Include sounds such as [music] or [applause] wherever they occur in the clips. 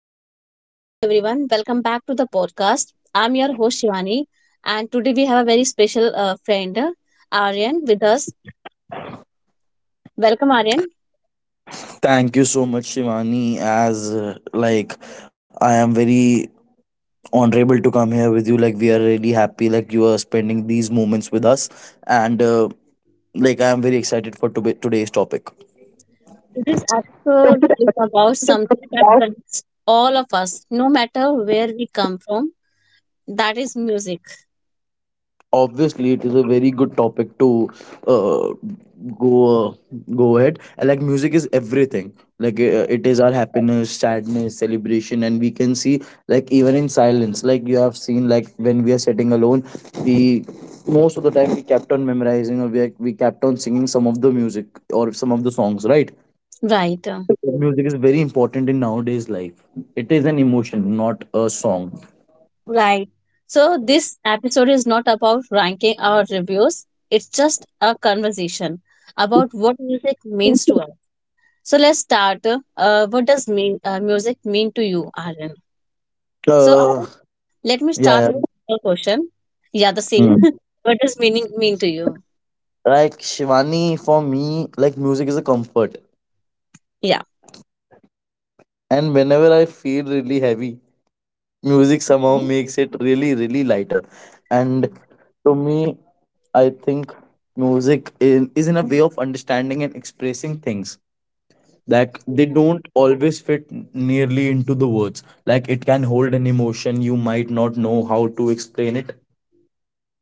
Hello everyone. Welcome back to the podcast. I'm your host Shivani, and today we have a very special friend, Aryan, with us. Welcome, Aryan. Thank you so much, Shivani. As like I am very honorable to come here with you. Like we are really happy. Like you are spending these moments with us, and like I am very excited for today's topic. Today's episode is about something that [laughs] connects all of us, no matter where we come from. That is music. Obviously it is a very good topic to uh, go go ahead. And, like music is everything, it is our happiness, sadness, celebration, and we can see, like even in silence, like you have seen, like when we are sitting alone, we most of the time we kept on memorizing, or we kept on singing some of the music or some of the songs, right? Right, Music is very important in nowadays life. It is an emotion, not a song. right. So this episode is not about ranking our reviews. It's just a conversation about what music means to us. So let's start. What does mean music mean to you, Aryan? So uh Aryan, let me yeah, start yeah. with a question. Yeah, the same. Hmm. [laughs] What does meaning mean to you? Like Shivani, for me, like music is a comfort. Yeah. And whenever I feel really heavy, music somehow Mhm. makes it really, really lighter. And to me, I think is in a way of understanding and expressing things. Like they don't always fit nearly into the words. Like it can hold an emotion you might not know how to explain it.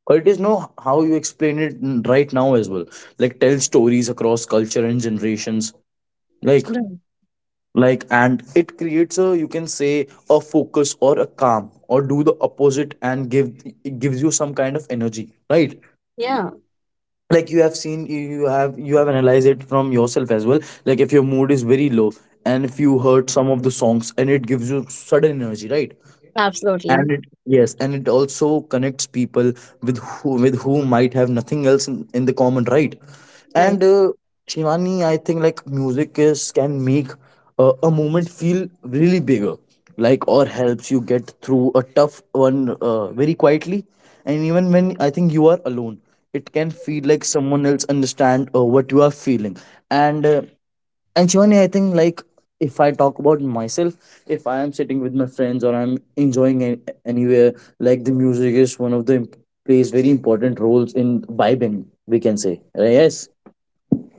But it is no how you explain it right now as well. Like tell stories across culture and generations. Like Right. like and it creates a, you can say, a focus or a calm, or do the opposite and give it gives you some kind of energy, right? Yeah, Like you have seen, you have, you have analyzed it from yourself as well. Like if your mood is very low and if you heard some of the songs, and it gives you sudden energy, right? And absolutely. it, yes, and it also connects people with who, with who might have nothing else in the common, right? Right. and Shivani, I think, like, music is, can make a moment feel really bigger, like, or helps you get through a tough one very quietly. And even when, I think, you are alone, it can feel like someone else understand what you are feeling. And uh, and Shivani, I think, like, if I talk about myself, if I am sitting with my friends or I'm enjoying anywhere, like the music is one of the plays very important roles in vibing. We can say. Yes.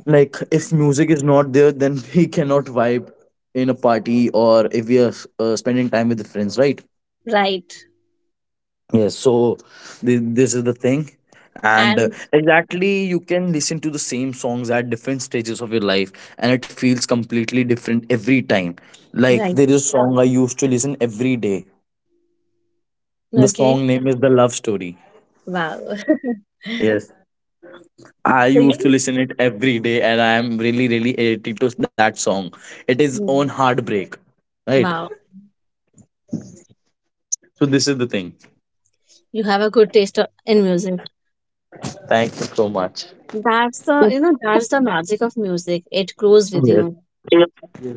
Like if music is not there, then [laughs] we cannot vibe in a party, or if we are spending time with the friends, right? Right. Yes, so this is the thing. And And Exactly, you can listen to the same songs at different stages of your life, and it feels completely different every time. Like right. there is a song I used to listen every day. The Okay. song name is The Love Story. Wow. [laughs] Yes. I So used to you, listen it every day, and I am really, really addicted to that song. It is on hmm, heartbreak, right? wow, So this is the thing. you have a good taste in music. Thank you so much. That's the, you know, that's the magic of music. It grows with Yes. you. Yes,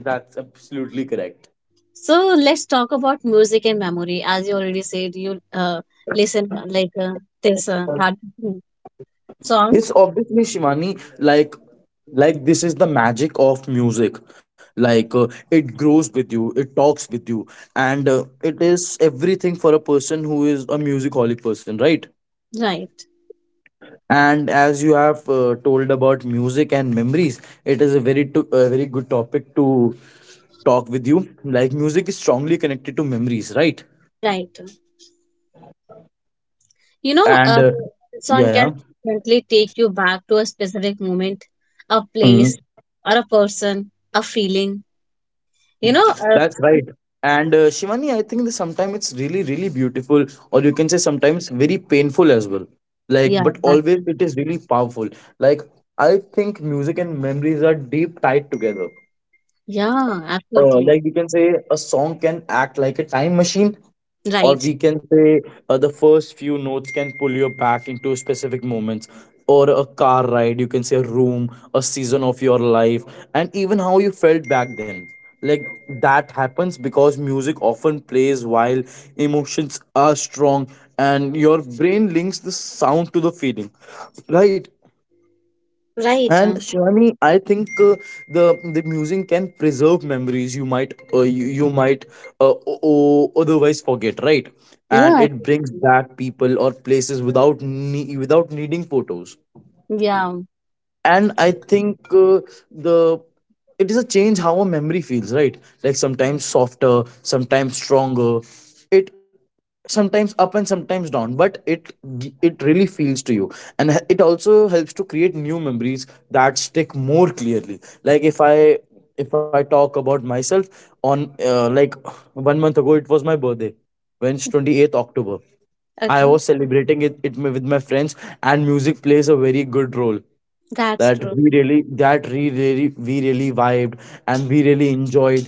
that's absolutely correct. So let's talk about music and memory. As you already said, you listen this hard, hmm, song, It's obviously Shivani, like this is the magic of music. It grows with you, it talks with you, and it is everything for a person who is a musicolic person, right? right? And as you have told about music and memories, it is a very a very good topic to talk with you. Like music is strongly connected to memories, right? Right. You know, And song can Yeah, definitely take you back to a specific moment, a yeah. place, or a person, a feeling. You know, That's right. And Shivani, I think that sometimes it's really, really beautiful, or you can say sometimes very painful as well. Like, yeah, but that, always it is really powerful. Like, I think music and memories are deep tied together. yeah, absolutely, Like we can say a song can act like a time machine, or right, we can say, the first few notes can pull you back into specific moments, or a car ride, you can say, a room, a season of your life, and even how you felt back then. Like, that happens because music often plays while emotions are strong, and your brain links the sound to the feeling, right? right, And Shivani, I think, the music can preserve memories you might, you might otherwise forget, right? yeah, And it brings absolutely. back people or places without without needing photos. Yeah. And i think uh, the it is a change how a memory feels, right? Like sometimes softer, sometimes stronger, it, sometimes up and sometimes down, but it it really feels to you. And it also helps to create new memories that stick more clearly. Like if I talk about myself, on like 1 month ago it was my birthday, when it's 28th October. I Okay, was celebrating it with my friends, and music plays a very good role, that's that true. we really, we really vibed and we really enjoyed.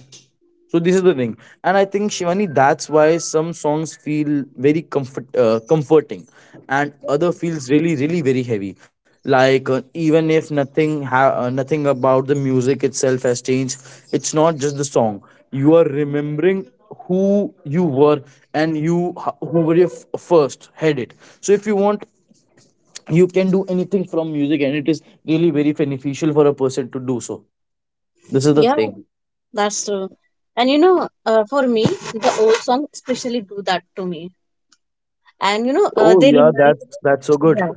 So this is the thing. And I think, Shivani, that's why some songs feel very comforting and other feels really, really very heavy. Like, even if nothing about the music itself has changed, it's not just the song, you are remembering who you were, and you, who were your first headed. So if you want, you can do anything from music, and it is really very beneficial for a person to do so. This is the Yeah. thing. That's true. And you know, for me, the old song especially do that to me. And you know, Oh they yeah, remind that's so good. yeah.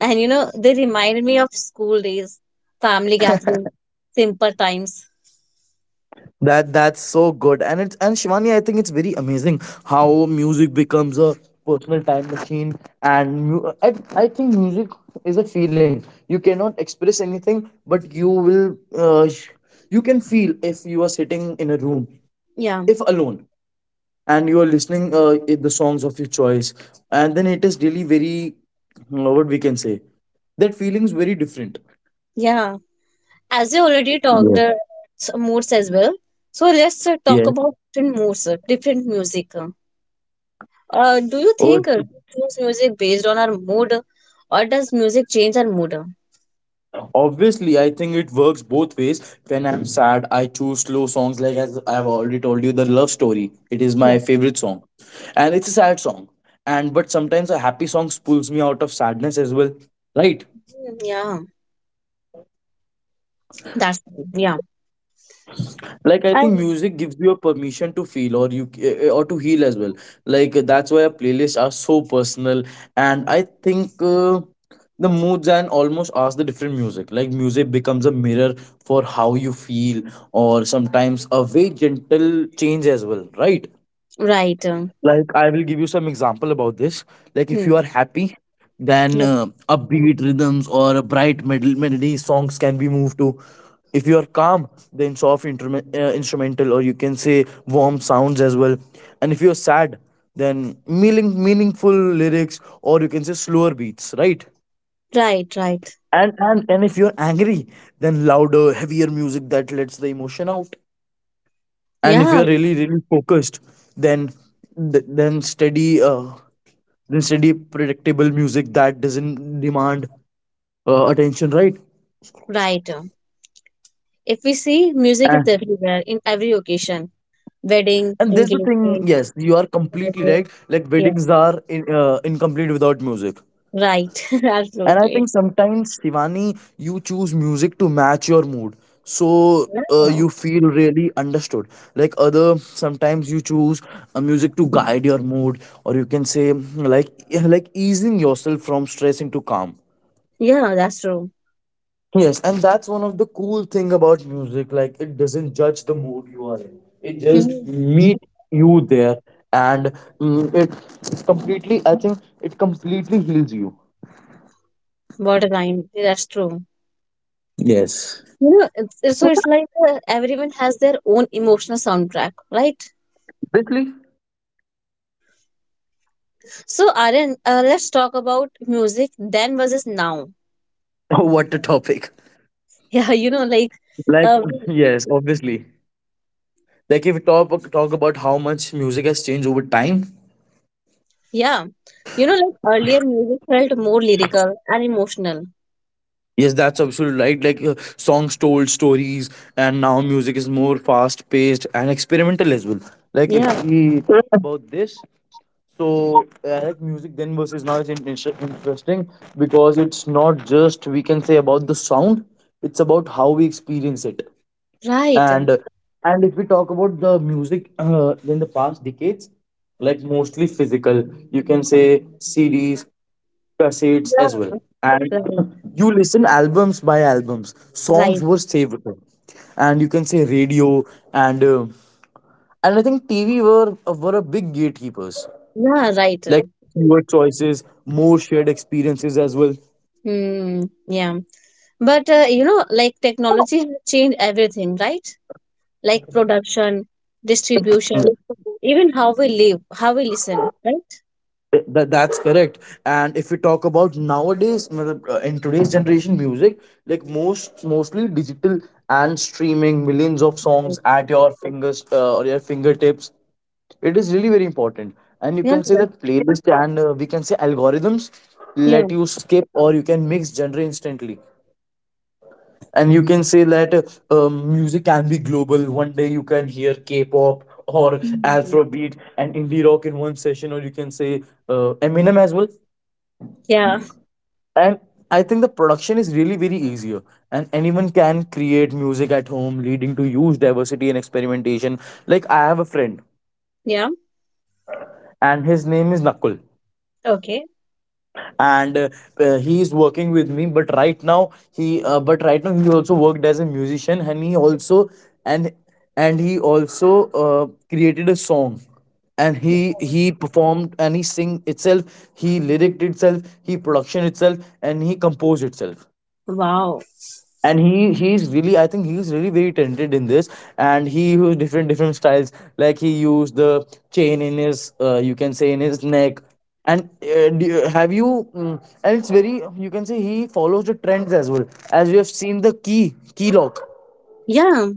And you know, they remind me of school days, family gatherings, simple times. That's so good. And it's, and Shivani, I think it's very amazing how music becomes a personal time machine. I think music is a feeling, you cannot express anything, but you will, you can feel. If you are sitting in a room, Yeah, if alone, and you are listening the songs of your choice, and then it is really very, what we can say, that feeling's very different. yeah. As you already talked Yeah. Moods as well, so let's talk Yes. about different moods, different music. Do you Oh, think we choose music based on our mood, or does music change our mood, uh? obviously, I think it works both ways. When I'm sad, I choose slow songs, like as I've already told you, The Love Story. It is my Yeah, favorite song, and it's a sad song. And but sometimes a happy song pulls me out of sadness as well, right? mm, yeah. That's yeah. Like I And think music gives you a permission to feel, or you, or to heal as well. Like that's why our playlists are so personal. And i think uh, the moods and almost ask the different music, like music becomes a mirror for how you feel, or sometimes a very gentle change as well, right? right. Like I will give you some example about this. Like if Hmm. you are happy, then Yeah. Upbeat rhythms or a bright melody songs can be moved to. If you are calm, then soft instrumental, or you can say warm sounds as well. And if you are sad, then meaningful lyrics, or you can say slower beats, right? Right, right. And if you're angry, then louder, heavier music that lets the emotion out. And if Yeah, you're really, really focused, then then steady, and steady, predictable music that doesn't demand attention, right? right. If we see, music is And, everywhere in every occasion, wedding, and there's the thing, engagement, yes, you are completely birthday. right. Like Yeah, weddings are incomplete without music. right. [laughs] And I think Absolutely. sometimes, Shivani, you choose music to match your mood, so Yeah, you feel really understood. Like other, sometimes you choose a music to guide your mood, or you can say, like easing yourself from stress into calm. yeah, that's true. Yes, and that's one of the cool thing about music. Like it doesn't judge the mood you are in. It Hmm. just meet you there, and mm, it completely, I think it completely heals you. What a line. That's true. Yes. You know, it's like everyone has their own emotional soundtrack, right? Obviously. So, Aryan, let's talk about music then versus now. [laughs] Oh, what a topic. Yeah, you know, like Like uh, yes, obviously. Like if we talk about how much music has changed over time. yeah. You know, like earlier music felt more lyrical and emotional. Yes, that's absolutely right. Songs told stories, and now music is more fast paced and experimental as well. Like Yeah, if we talk about this, so like music then versus now is interesting, because it's not just, we can say, about the sound; it's about how we experience it. right. Yeah, And and if we talk about the music in the past decades, like mostly physical, you can say CDs, cassettes as well. And right, [clears throat] you listen albums by albums. Songs right. were saved, and you can say radio and uh, and I think TV were a big gatekeepers, Yeah, right. like fewer choices, more shared experiences as well. Hmm, yeah. But you know, like technology has changed everything, right? Like production, distribution, even how we live, how we listen, right? That's correct. And if we talk about nowadays, matlab, in today's generation, music like mostly digital and streaming, millions of Right. songs at your fingers, or your fingertips. It is really very important, and you Yeah, can say yeah, that playlist, and we can say algorithms yeah. let you skip or you can mix genre instantly. And you can say that music can be global. One day you can hear K-pop or Hmm. Afrobeat and indie rock in one session, or you can say Eminem as well. Yeah, And I think the production is really very easier, and anyone can create music at home, leading to huge diversity and experimentation. Like, I have a friend yeah. and his name is Nakul, Okay. and he is working with me, but right now he also worked as a musician, and he also, and and he also created a song. And he performed, and he sing itself, he lyriced itself, he production itself, and he composed itself. Wow. And he's really, I think he's really very talented in this. And he used different different styles. Like, he used the chain in his you can say in his neck. And do you- have you mm, and it's very, you can say he follows the trends as well. As we have seen the key lock, Yeah.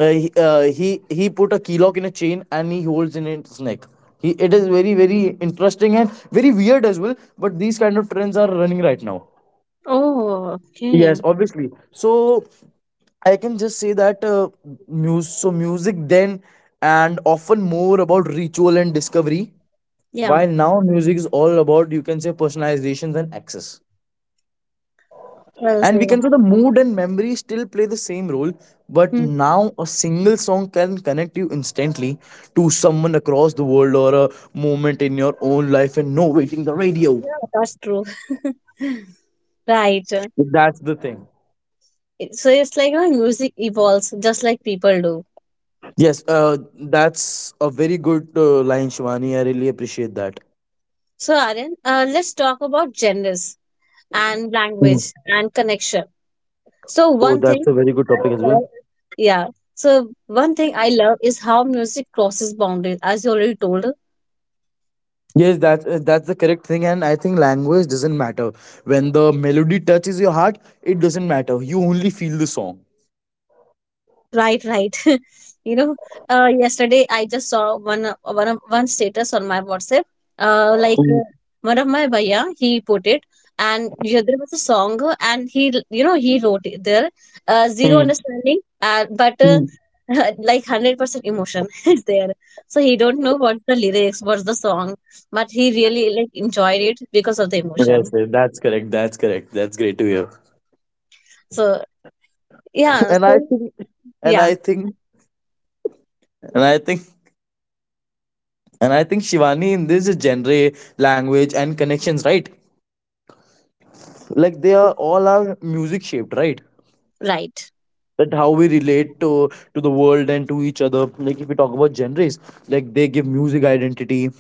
he he put a key lock in a chain and he holds in its neck. He it is very very interesting and very weird as well, but these kind of trends are running right now. Oh, okay. Yes, obviously. So I can just say that muse so music then and often more about ritual and discovery. Yeah. While now music is all about, you can say, personalizations and access. Well And we said. can say the mood and memory still play the same role, but Hmm. now a single song can connect you instantly to someone across the world, or a moment in your own life, and no waiting the radio. Yeah, that's true. [laughs] Right. It- That's the thing. So it's like you know, music evolves just like people do. Yes, that's a very good line, Shivani. I really appreciate that. So Aryan, let's talk about genders and Mm. language and connection. So Oh, one that's thing a very good I topic as well. love, yeah. So one thing I love is how music crosses boundaries, as you already told. Yes, that's the correct thing, and I think language doesn't matter. When the melody touches your heart, it doesn't matter. You only feel the song. Right, right. [laughs] You know, yesterday I just saw one status on my WhatsApp. Uh, like Mm, uh, one of my bhaiya, he put it, and yeah, there was a song, and he you know he wrote it there. Zero mm, understanding, but mm. [laughs] like 100% emotion [laughs] is there. So he don't know what's the lyrics, what's the song, but he really like enjoyed it because of the Yes, emotion. yes, that's correct. That's correct. That's great to hear. So [laughs] yeah, and I so think, and yeah, I think, and I think, and I think Shivani, in this genre, language, and connections, right? Like, they right, are all are music shaped, right? right, That how we relate to the world and to each other. Like, if we talk about genres, like they give music identity: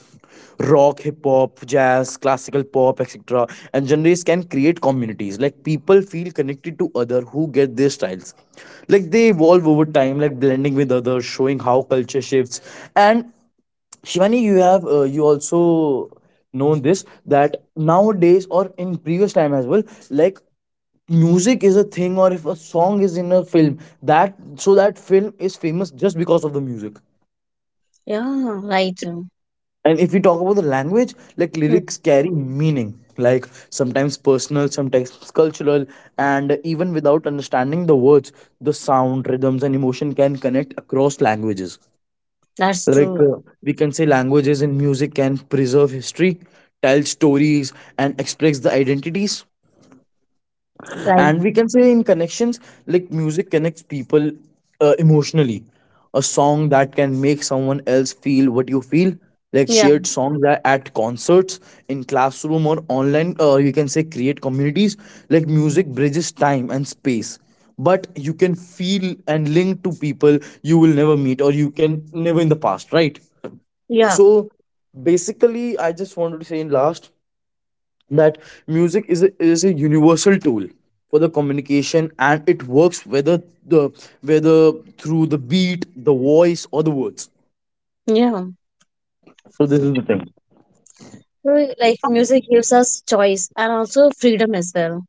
rock, hip hop, jazz, classical, pop, etc. And genres can create communities, like people feel connected to other who get their styles. Like, they evolve over time, like blending with others, showing how culture shifts. And Shivani, you have you also known this, that nowadays or in previous time as well, like music is a thing, or if a song is in a film, that so that film is famous just because of the music. yeah, right. And if we talk about the language, like Hmm. lyrics carry meaning, like sometimes personal, sometimes cultural. And even without understanding the words, the sound, rhythms and emotion can connect across languages. That's Like true. We can say languages and music can preserve history, tell stories, and express the identities. Right. And we can say in connections, like music connects people emotionally. A song that can make someone else feel what you feel. Like Yeah. shared songs at concerts, in classroom, or online, you can say create communities. Like, music bridges time and space, but you can feel and link to people you will never meet, or you can never in the past, right? Yeah. So basically, I just wanted to say in last, that music is a universal tool for the communication, and it works whether the whether through the beat, the voice, or the words. Yeah. So this is the thing. So, like, music gives us choice and also freedom as well.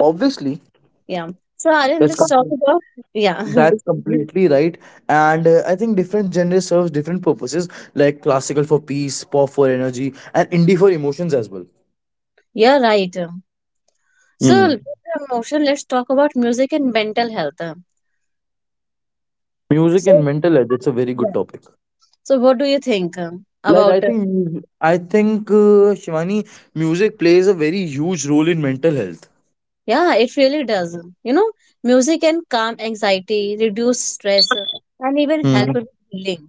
Obviously, Yeah. So, Aryan, that's let's talk com- about. Yeah. [laughs] that's completely right. And I think different genres serves different purposes, like classical for peace, pop for energy, and indie for emotions as well. Yeah, right. So, Hmm. with the emotion, let's talk about music and mental health. Music So, and mental health, it's a very yeah. good topic. So, what do you think Like about it? I think Shivani, music plays a very huge role in mental health. Yeah, it really does. You know, music can calm anxiety, reduce stress, and even help with healing.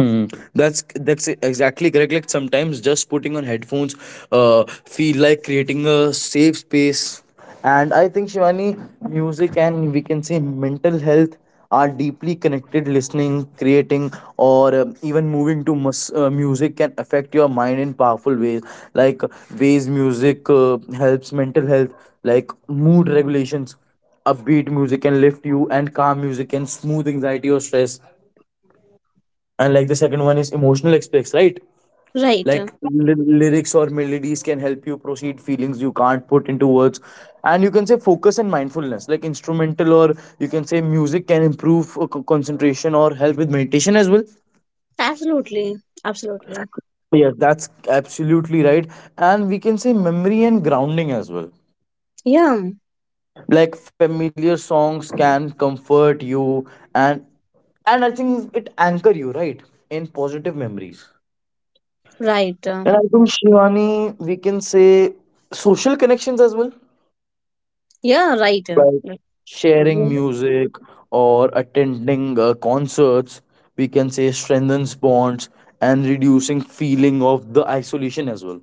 Hmm. That's exactly correct. Like, sometimes just putting on headphones, uh, feel like creating a safe space. And I think, Shivani, music and we can say mental health are deeply connected. Listening, creating, or even moving to music can affect your mind in powerful ways. Like, ways music helps mental health, like mood regulations. Upbeat music can lift you, and calm music can smooth anxiety or stress. And like, the second one is emotional aspects, right? Right. Like lyrics or melodies can help you proceed feelings you can't put into words. And you can say focus and mindfulness, like instrumental, or you can say music, can improve concentration or help with meditation as well. Absolutely. Absolutely. Yes, that's absolutely right. And we can say memory and grounding as well. Yeah. Like, familiar songs can comfort you, and and I think it anchor you, right, in positive memories. Right. And I think, Shivani, we can say social connections as well, Yeah, right, like like, sharing really. music or attending concerts. We can say strengthens bonds and reducing feeling of the isolation as well.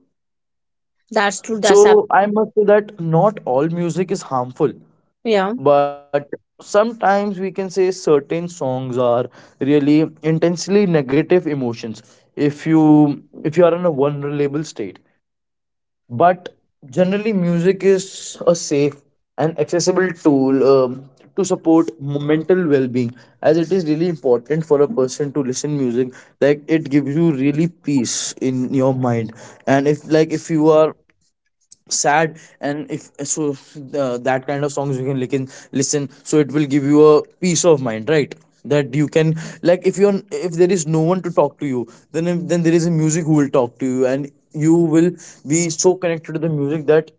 That's true. That's up. So I must say that not all music is harmful, Yeah, but sometimes we can say certain songs are really intensely negative emotions if you are in a vulnerable state. But generally, music is a safe and accessible tool, to support mental well-being, as it is really important for a person to listen music. Like, it gives you really peace in your mind. And if, like, if you are sad, and if so, that kind of songs you can listen, so it will give you a peace of mind, right? That you can, like, if you're if there is no one to talk to you, then if, then there is a music who will talk to you, and you will be so connected to the music that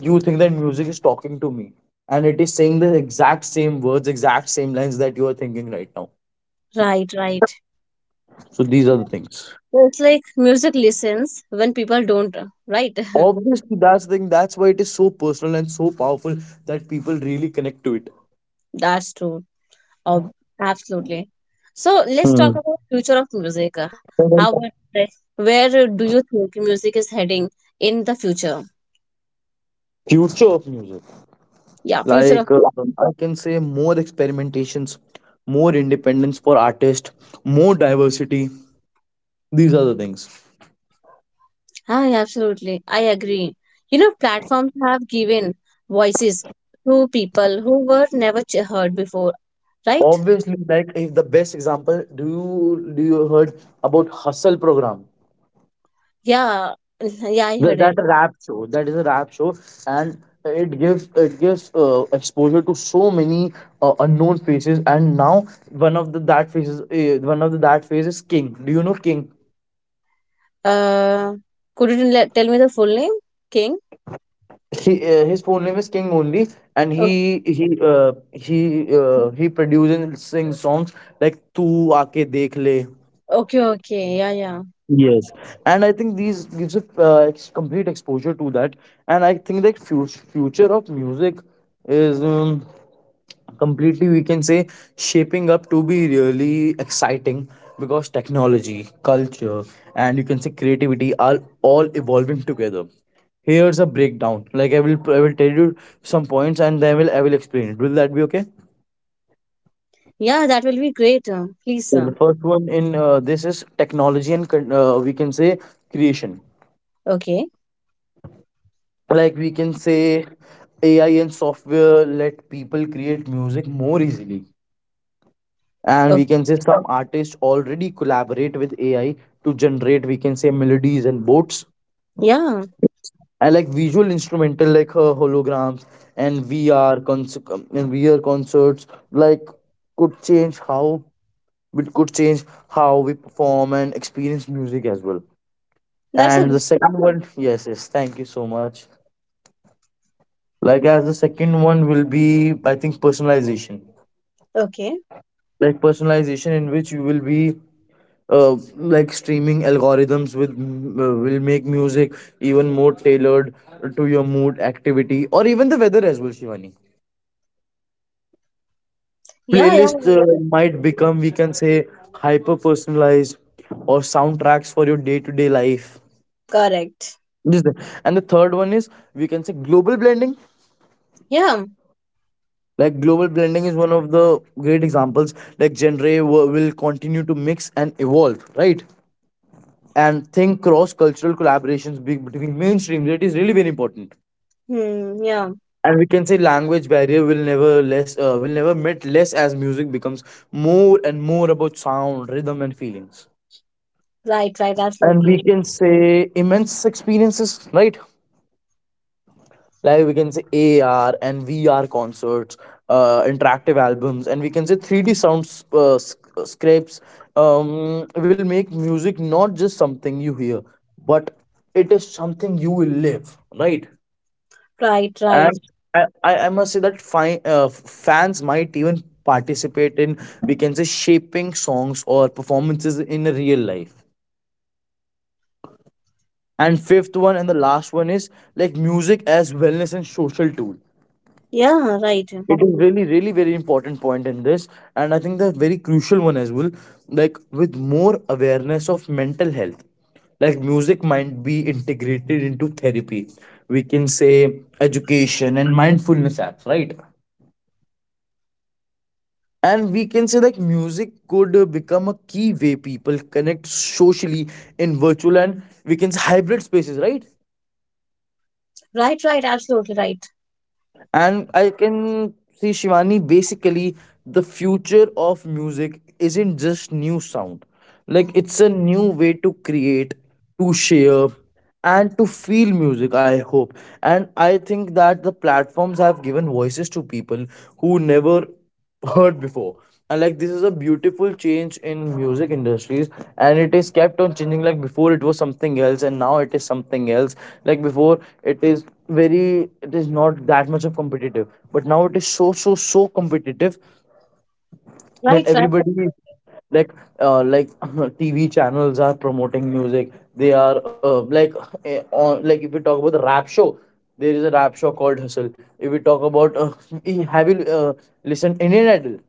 you think that music is talking to me, and it is saying the exact same words, exact same lines that you are thinking right now. right, right. So these are the things. So it's like music listens when people don't, right? [laughs] Obviously, that's the thing, that's why it is so personal and so powerful that people really connect to it. That's true. Oh, absolutely. So let's talk Hmm. about future of music, how about like, where do you think music is heading in the future? Future of music. Yeah, future Like of. I can say more experimentations, more independence for artists, more diversity. These are the things. Ah, absolutely. I agree. You know, platforms have given voices to people who were never heard before, right? Obviously, like, if the best example, do you heard about Hustle program? Yeah, [laughs] yeah, I heard That it. rap show. That is a rap show, and it gives exposure to so many unknown faces. And now, one of the that faces, one of the that face is King. Do you know King? Uh, could you tell me the full name? King? He his full name is King only, and Okay, he produces and sings songs like "Tu Aake Dekh Le." okay, okay. Yeah, yeah. Yes, and I think these gives a complete exposure to that. And I think that future of music is. Completely, we can say, shaping up to be really exciting, because technology, culture, and you can say creativity are all evolving together. Here's a breakdown. Like, I will tell you some points, and then I will explain it. Will that be okay? Yeah, that will be great. Please, Yeah, the first one in this is technology and we can say creation. okay. Like, we can say AI and software let people create music more easily, and we Okay. can say some artists already collaborate with AI to generate, we can say, melodies and boats. Yeah, And like visual instrumental, like holograms and VR concerts, like, could change how we perform and experience music as well. that's a And good. the second one, yes, yes, thank you so much. Like, as the second one will be, I think, personalization. Okay. Like personalization, in which you will be like streaming algorithms with will make music even more tailored to your mood, activity, or even the weather as well, Shivani. Yeah, yeah, Playlists yeah. might become, we can say, hyper personalized, or soundtracks for your day to day life. Correct. And the third one is, we can say, global blending. Yeah. Like, global blending is one of the great examples. Like, will continue to mix and evolve, right? And think cross cultural collaborations between mainstreams, it is really very important. Hmm, yeah. And we can say language barrier will never less, will never met less, as music becomes more and more about sound, rhythm, and feelings. Right, right. And we Absolutely. can say immense experiences, right? Like, we can say AR and VR concerts, interactive albums, and we can say 3D sounds, scrapes, will make music not just something you hear, but it is something you will live, right? Right, And right. I must say that fans might even participate in, we can say, shaping songs or performances in real life. And fifth one and the last one is, like, music as wellness and social tool. Yeah, right. It is really, really very important point in this, and I think the very crucial one as well. Like with more awareness of mental health, like music might be integrated into therapy. We can say education and mindfulness apps, right? And we can say like music could become a key way people connect socially in virtual and we can say hybrid spaces, right? Right, right. Absolutely right. And I can see, Shivani, basically the future of music isn't just new sound, like it's a new way to create, to share, and to feel music, I hope. And I think that the platforms have given voices to people who never heard before, and like this is a beautiful change in music industries. And it is kept on changing, like before it was something else and now it is something else. Like before it is very, it is not that much of competitive, but now it is so so so competitive that Right, right. everybody, like, like [laughs] [clears throat] TV channels are promoting music. They are like on, like if we talk about the rap show, there is a rap show called Hustle. If we talk about [laughs] have you listened Indian Idol?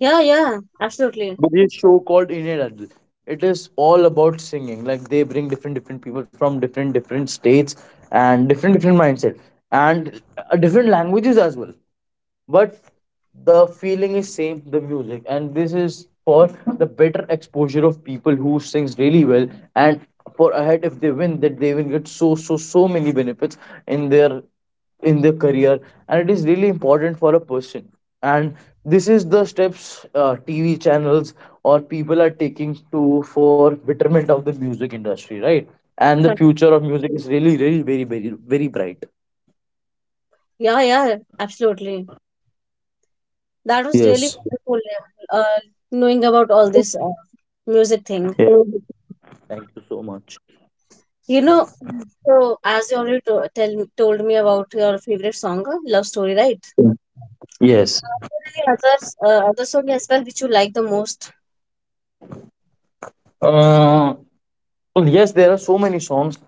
Yeah, yeah. Absolutely. But this show called Indian Idol, it is all about singing. Like they bring different different people from different different states and different different mindset, and different languages as well. But the feeling is same, the music, and this is for the better exposure of people who sings really well, and for ahead if they win that they will get so so so many benefits in their, in their career, and it is really important for a person. And this is the steps, TV channels or people are taking to for betterment of the music industry, right? And the Right. future of music is really, really very, very, very bright. Yeah, yeah. Absolutely. That was really Yes. wonderful yeah, knowing about all this music thing. Yeah. Thank you so much. You know, so as you already told me about your favorite song, Love Story, right? Yes. Any others, other song as well which you like the most? Uh, well, yes, there are so many songs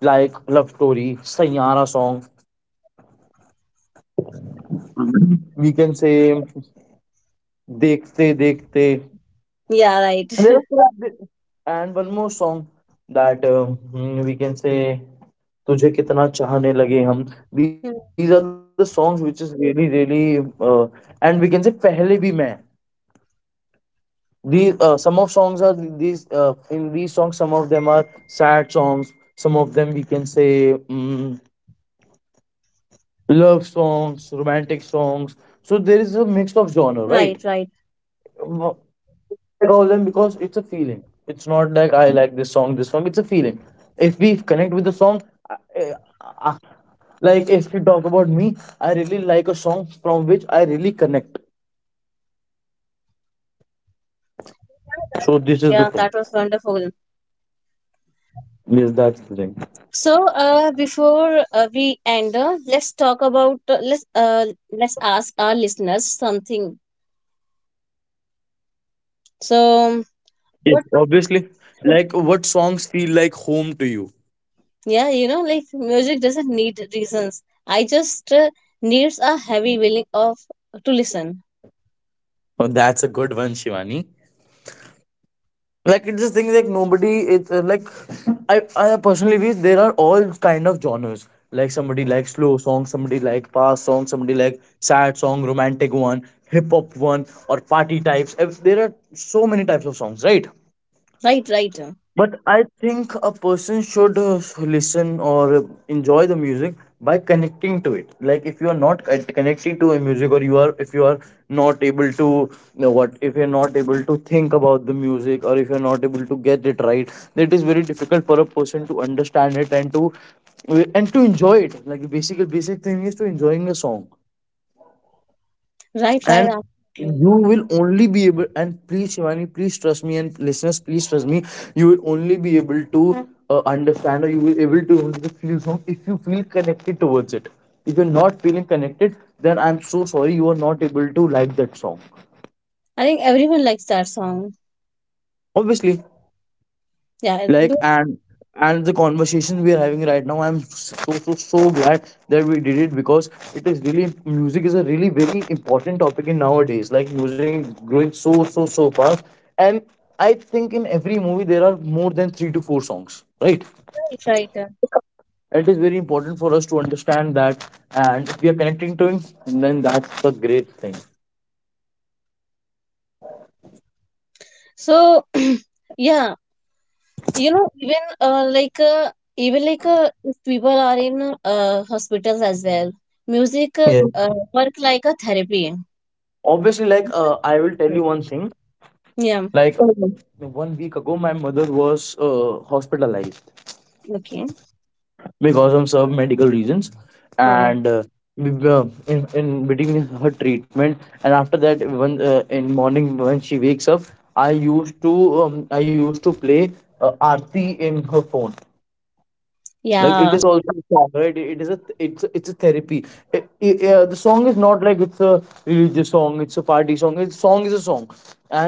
like Love Story, Sayara song. We can say Dekte Dekte. Yeah, right. There are two- and one more song that we can say तुझे कितना चाहने लगे हम. These [laughs] are the songs which is really really and we can say पहले भी मैं. These some of songs are these in these songs, some of them are sad songs, some of them we can say, mm love songs, romantic songs. So there is a mix of genre, right? Right, right. Mo- like all of them, because it's a feeling. It's not like I like this song, this song. It's a feeling. If we connect with the song, I, I, I- like if you talk about me, I really like a song from which I really connect. So this is the Yeah, thing. that was wonderful. Yes, that's the thing. So, before we end, let's talk about let's ask our listeners something. So, Yes, obviously. Like what songs feel like home to you? yeah, you know, like music doesn't need reasons. I just needs a heavy willing of to listen. Oh, that's a good one, Shivani. Like it's the thing, like nobody, it's like I personally wish there are all kind of genres, like somebody like slow song, somebody like fast song, somebody like sad song, romantic one, hip hop one, or party types. There are so many types of songs, right? Right, right, But I think a person should listen or enjoy the music by connecting to it. Like if you are not connecting to a music, or you are, if you are not able to, you know what, if you're not able to think about the music, or if you're not able to get it right, then it is very difficult for a person to understand it and to, and to enjoy it. Like basic basic thing is to enjoying a song. right, right. And Absolutely. you will only be able, and please Shivani, please trust me, and listeners, please trust me, you will only be able to understand, or you will able to only feel song if you feel connected towards it. If you're not feeling connected, then I'm so sorry, you are not able to like that song. I think everyone likes that song. Obviously, Yeah, like, do- and the conversation we are having right now, I'm so so so glad that we did it, because it is really, music is a really very important topic in nowadays. Like music is growing so so so fast, and I think in every movie there are more than 3 to 4 songs, right? right, right, uh. It is very important for us to understand that, and if we are connecting to him, then that's the great thing. So, [clears throat] yeah, you know, even if people are in hospitals as well, music Yeah. Work like a therapy. Obviously, like I will tell you one thing. Yeah. Like, okay, 1 week ago my mother was hospitalized Okay. because of some medical reasons. Uh, And in between her treatment and after that, when in morning when she wakes up, I used to, I used to play aarti in her phone. Like it yeah. is also a song, right? It is a, it's a therapy. The song is not like, it's a religious song, it's a party song, it's song is a song.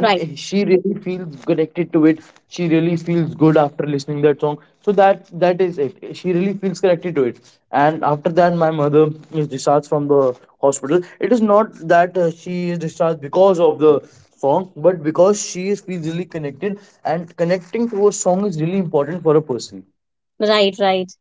Right. she really feels connected to it. She really feels good after listening that song, so that, that is it, she really feels connected to it. And after that, my mother is discharged from the hospital. It is not that she is discharged because of the song, but because she is feels really connected. And connecting to a song is really important for a person. Right. Right.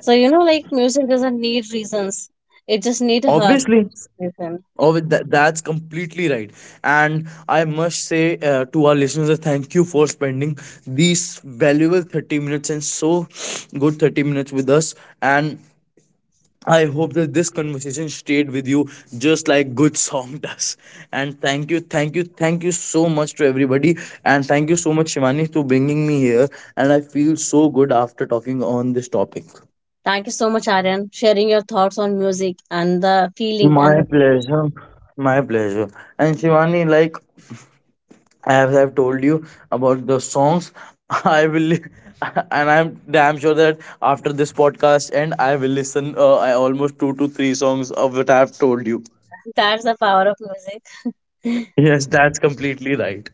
So you know, like music doesn't need reasons; it just need a heart. Obviously. Listen. Oh, with that, that's completely right. And I must say to our listeners, that thank you for spending these valuable 30 minutes and so good 30 minutes with us. And I hope that this conversation stayed with you just like good song [laughs] does. And thank you so much to everybody. And thank you so much, Shivani, to bringing me here. And I feel so good after talking on this topic. Thank you so much, Aryan, sharing your thoughts on music and the feeling and My the pleasure. My pleasure. And Shivani, like as I've told you about the songs, [laughs] I will, li- [laughs] and I'm damn sure that after this podcast end, I will listen I almost 2 to 3 songs of what I've told you. [laughs] that's the power of music. [laughs] Yes, that's completely right.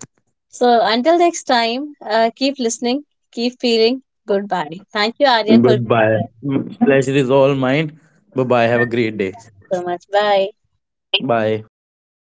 So until next time, keep listening, keep feeling. Goodbye. Thank you, Aryan, for being Goodbye. here Pleasure is all mine. Bye bye. Have a great day. so much. Bye. Bye.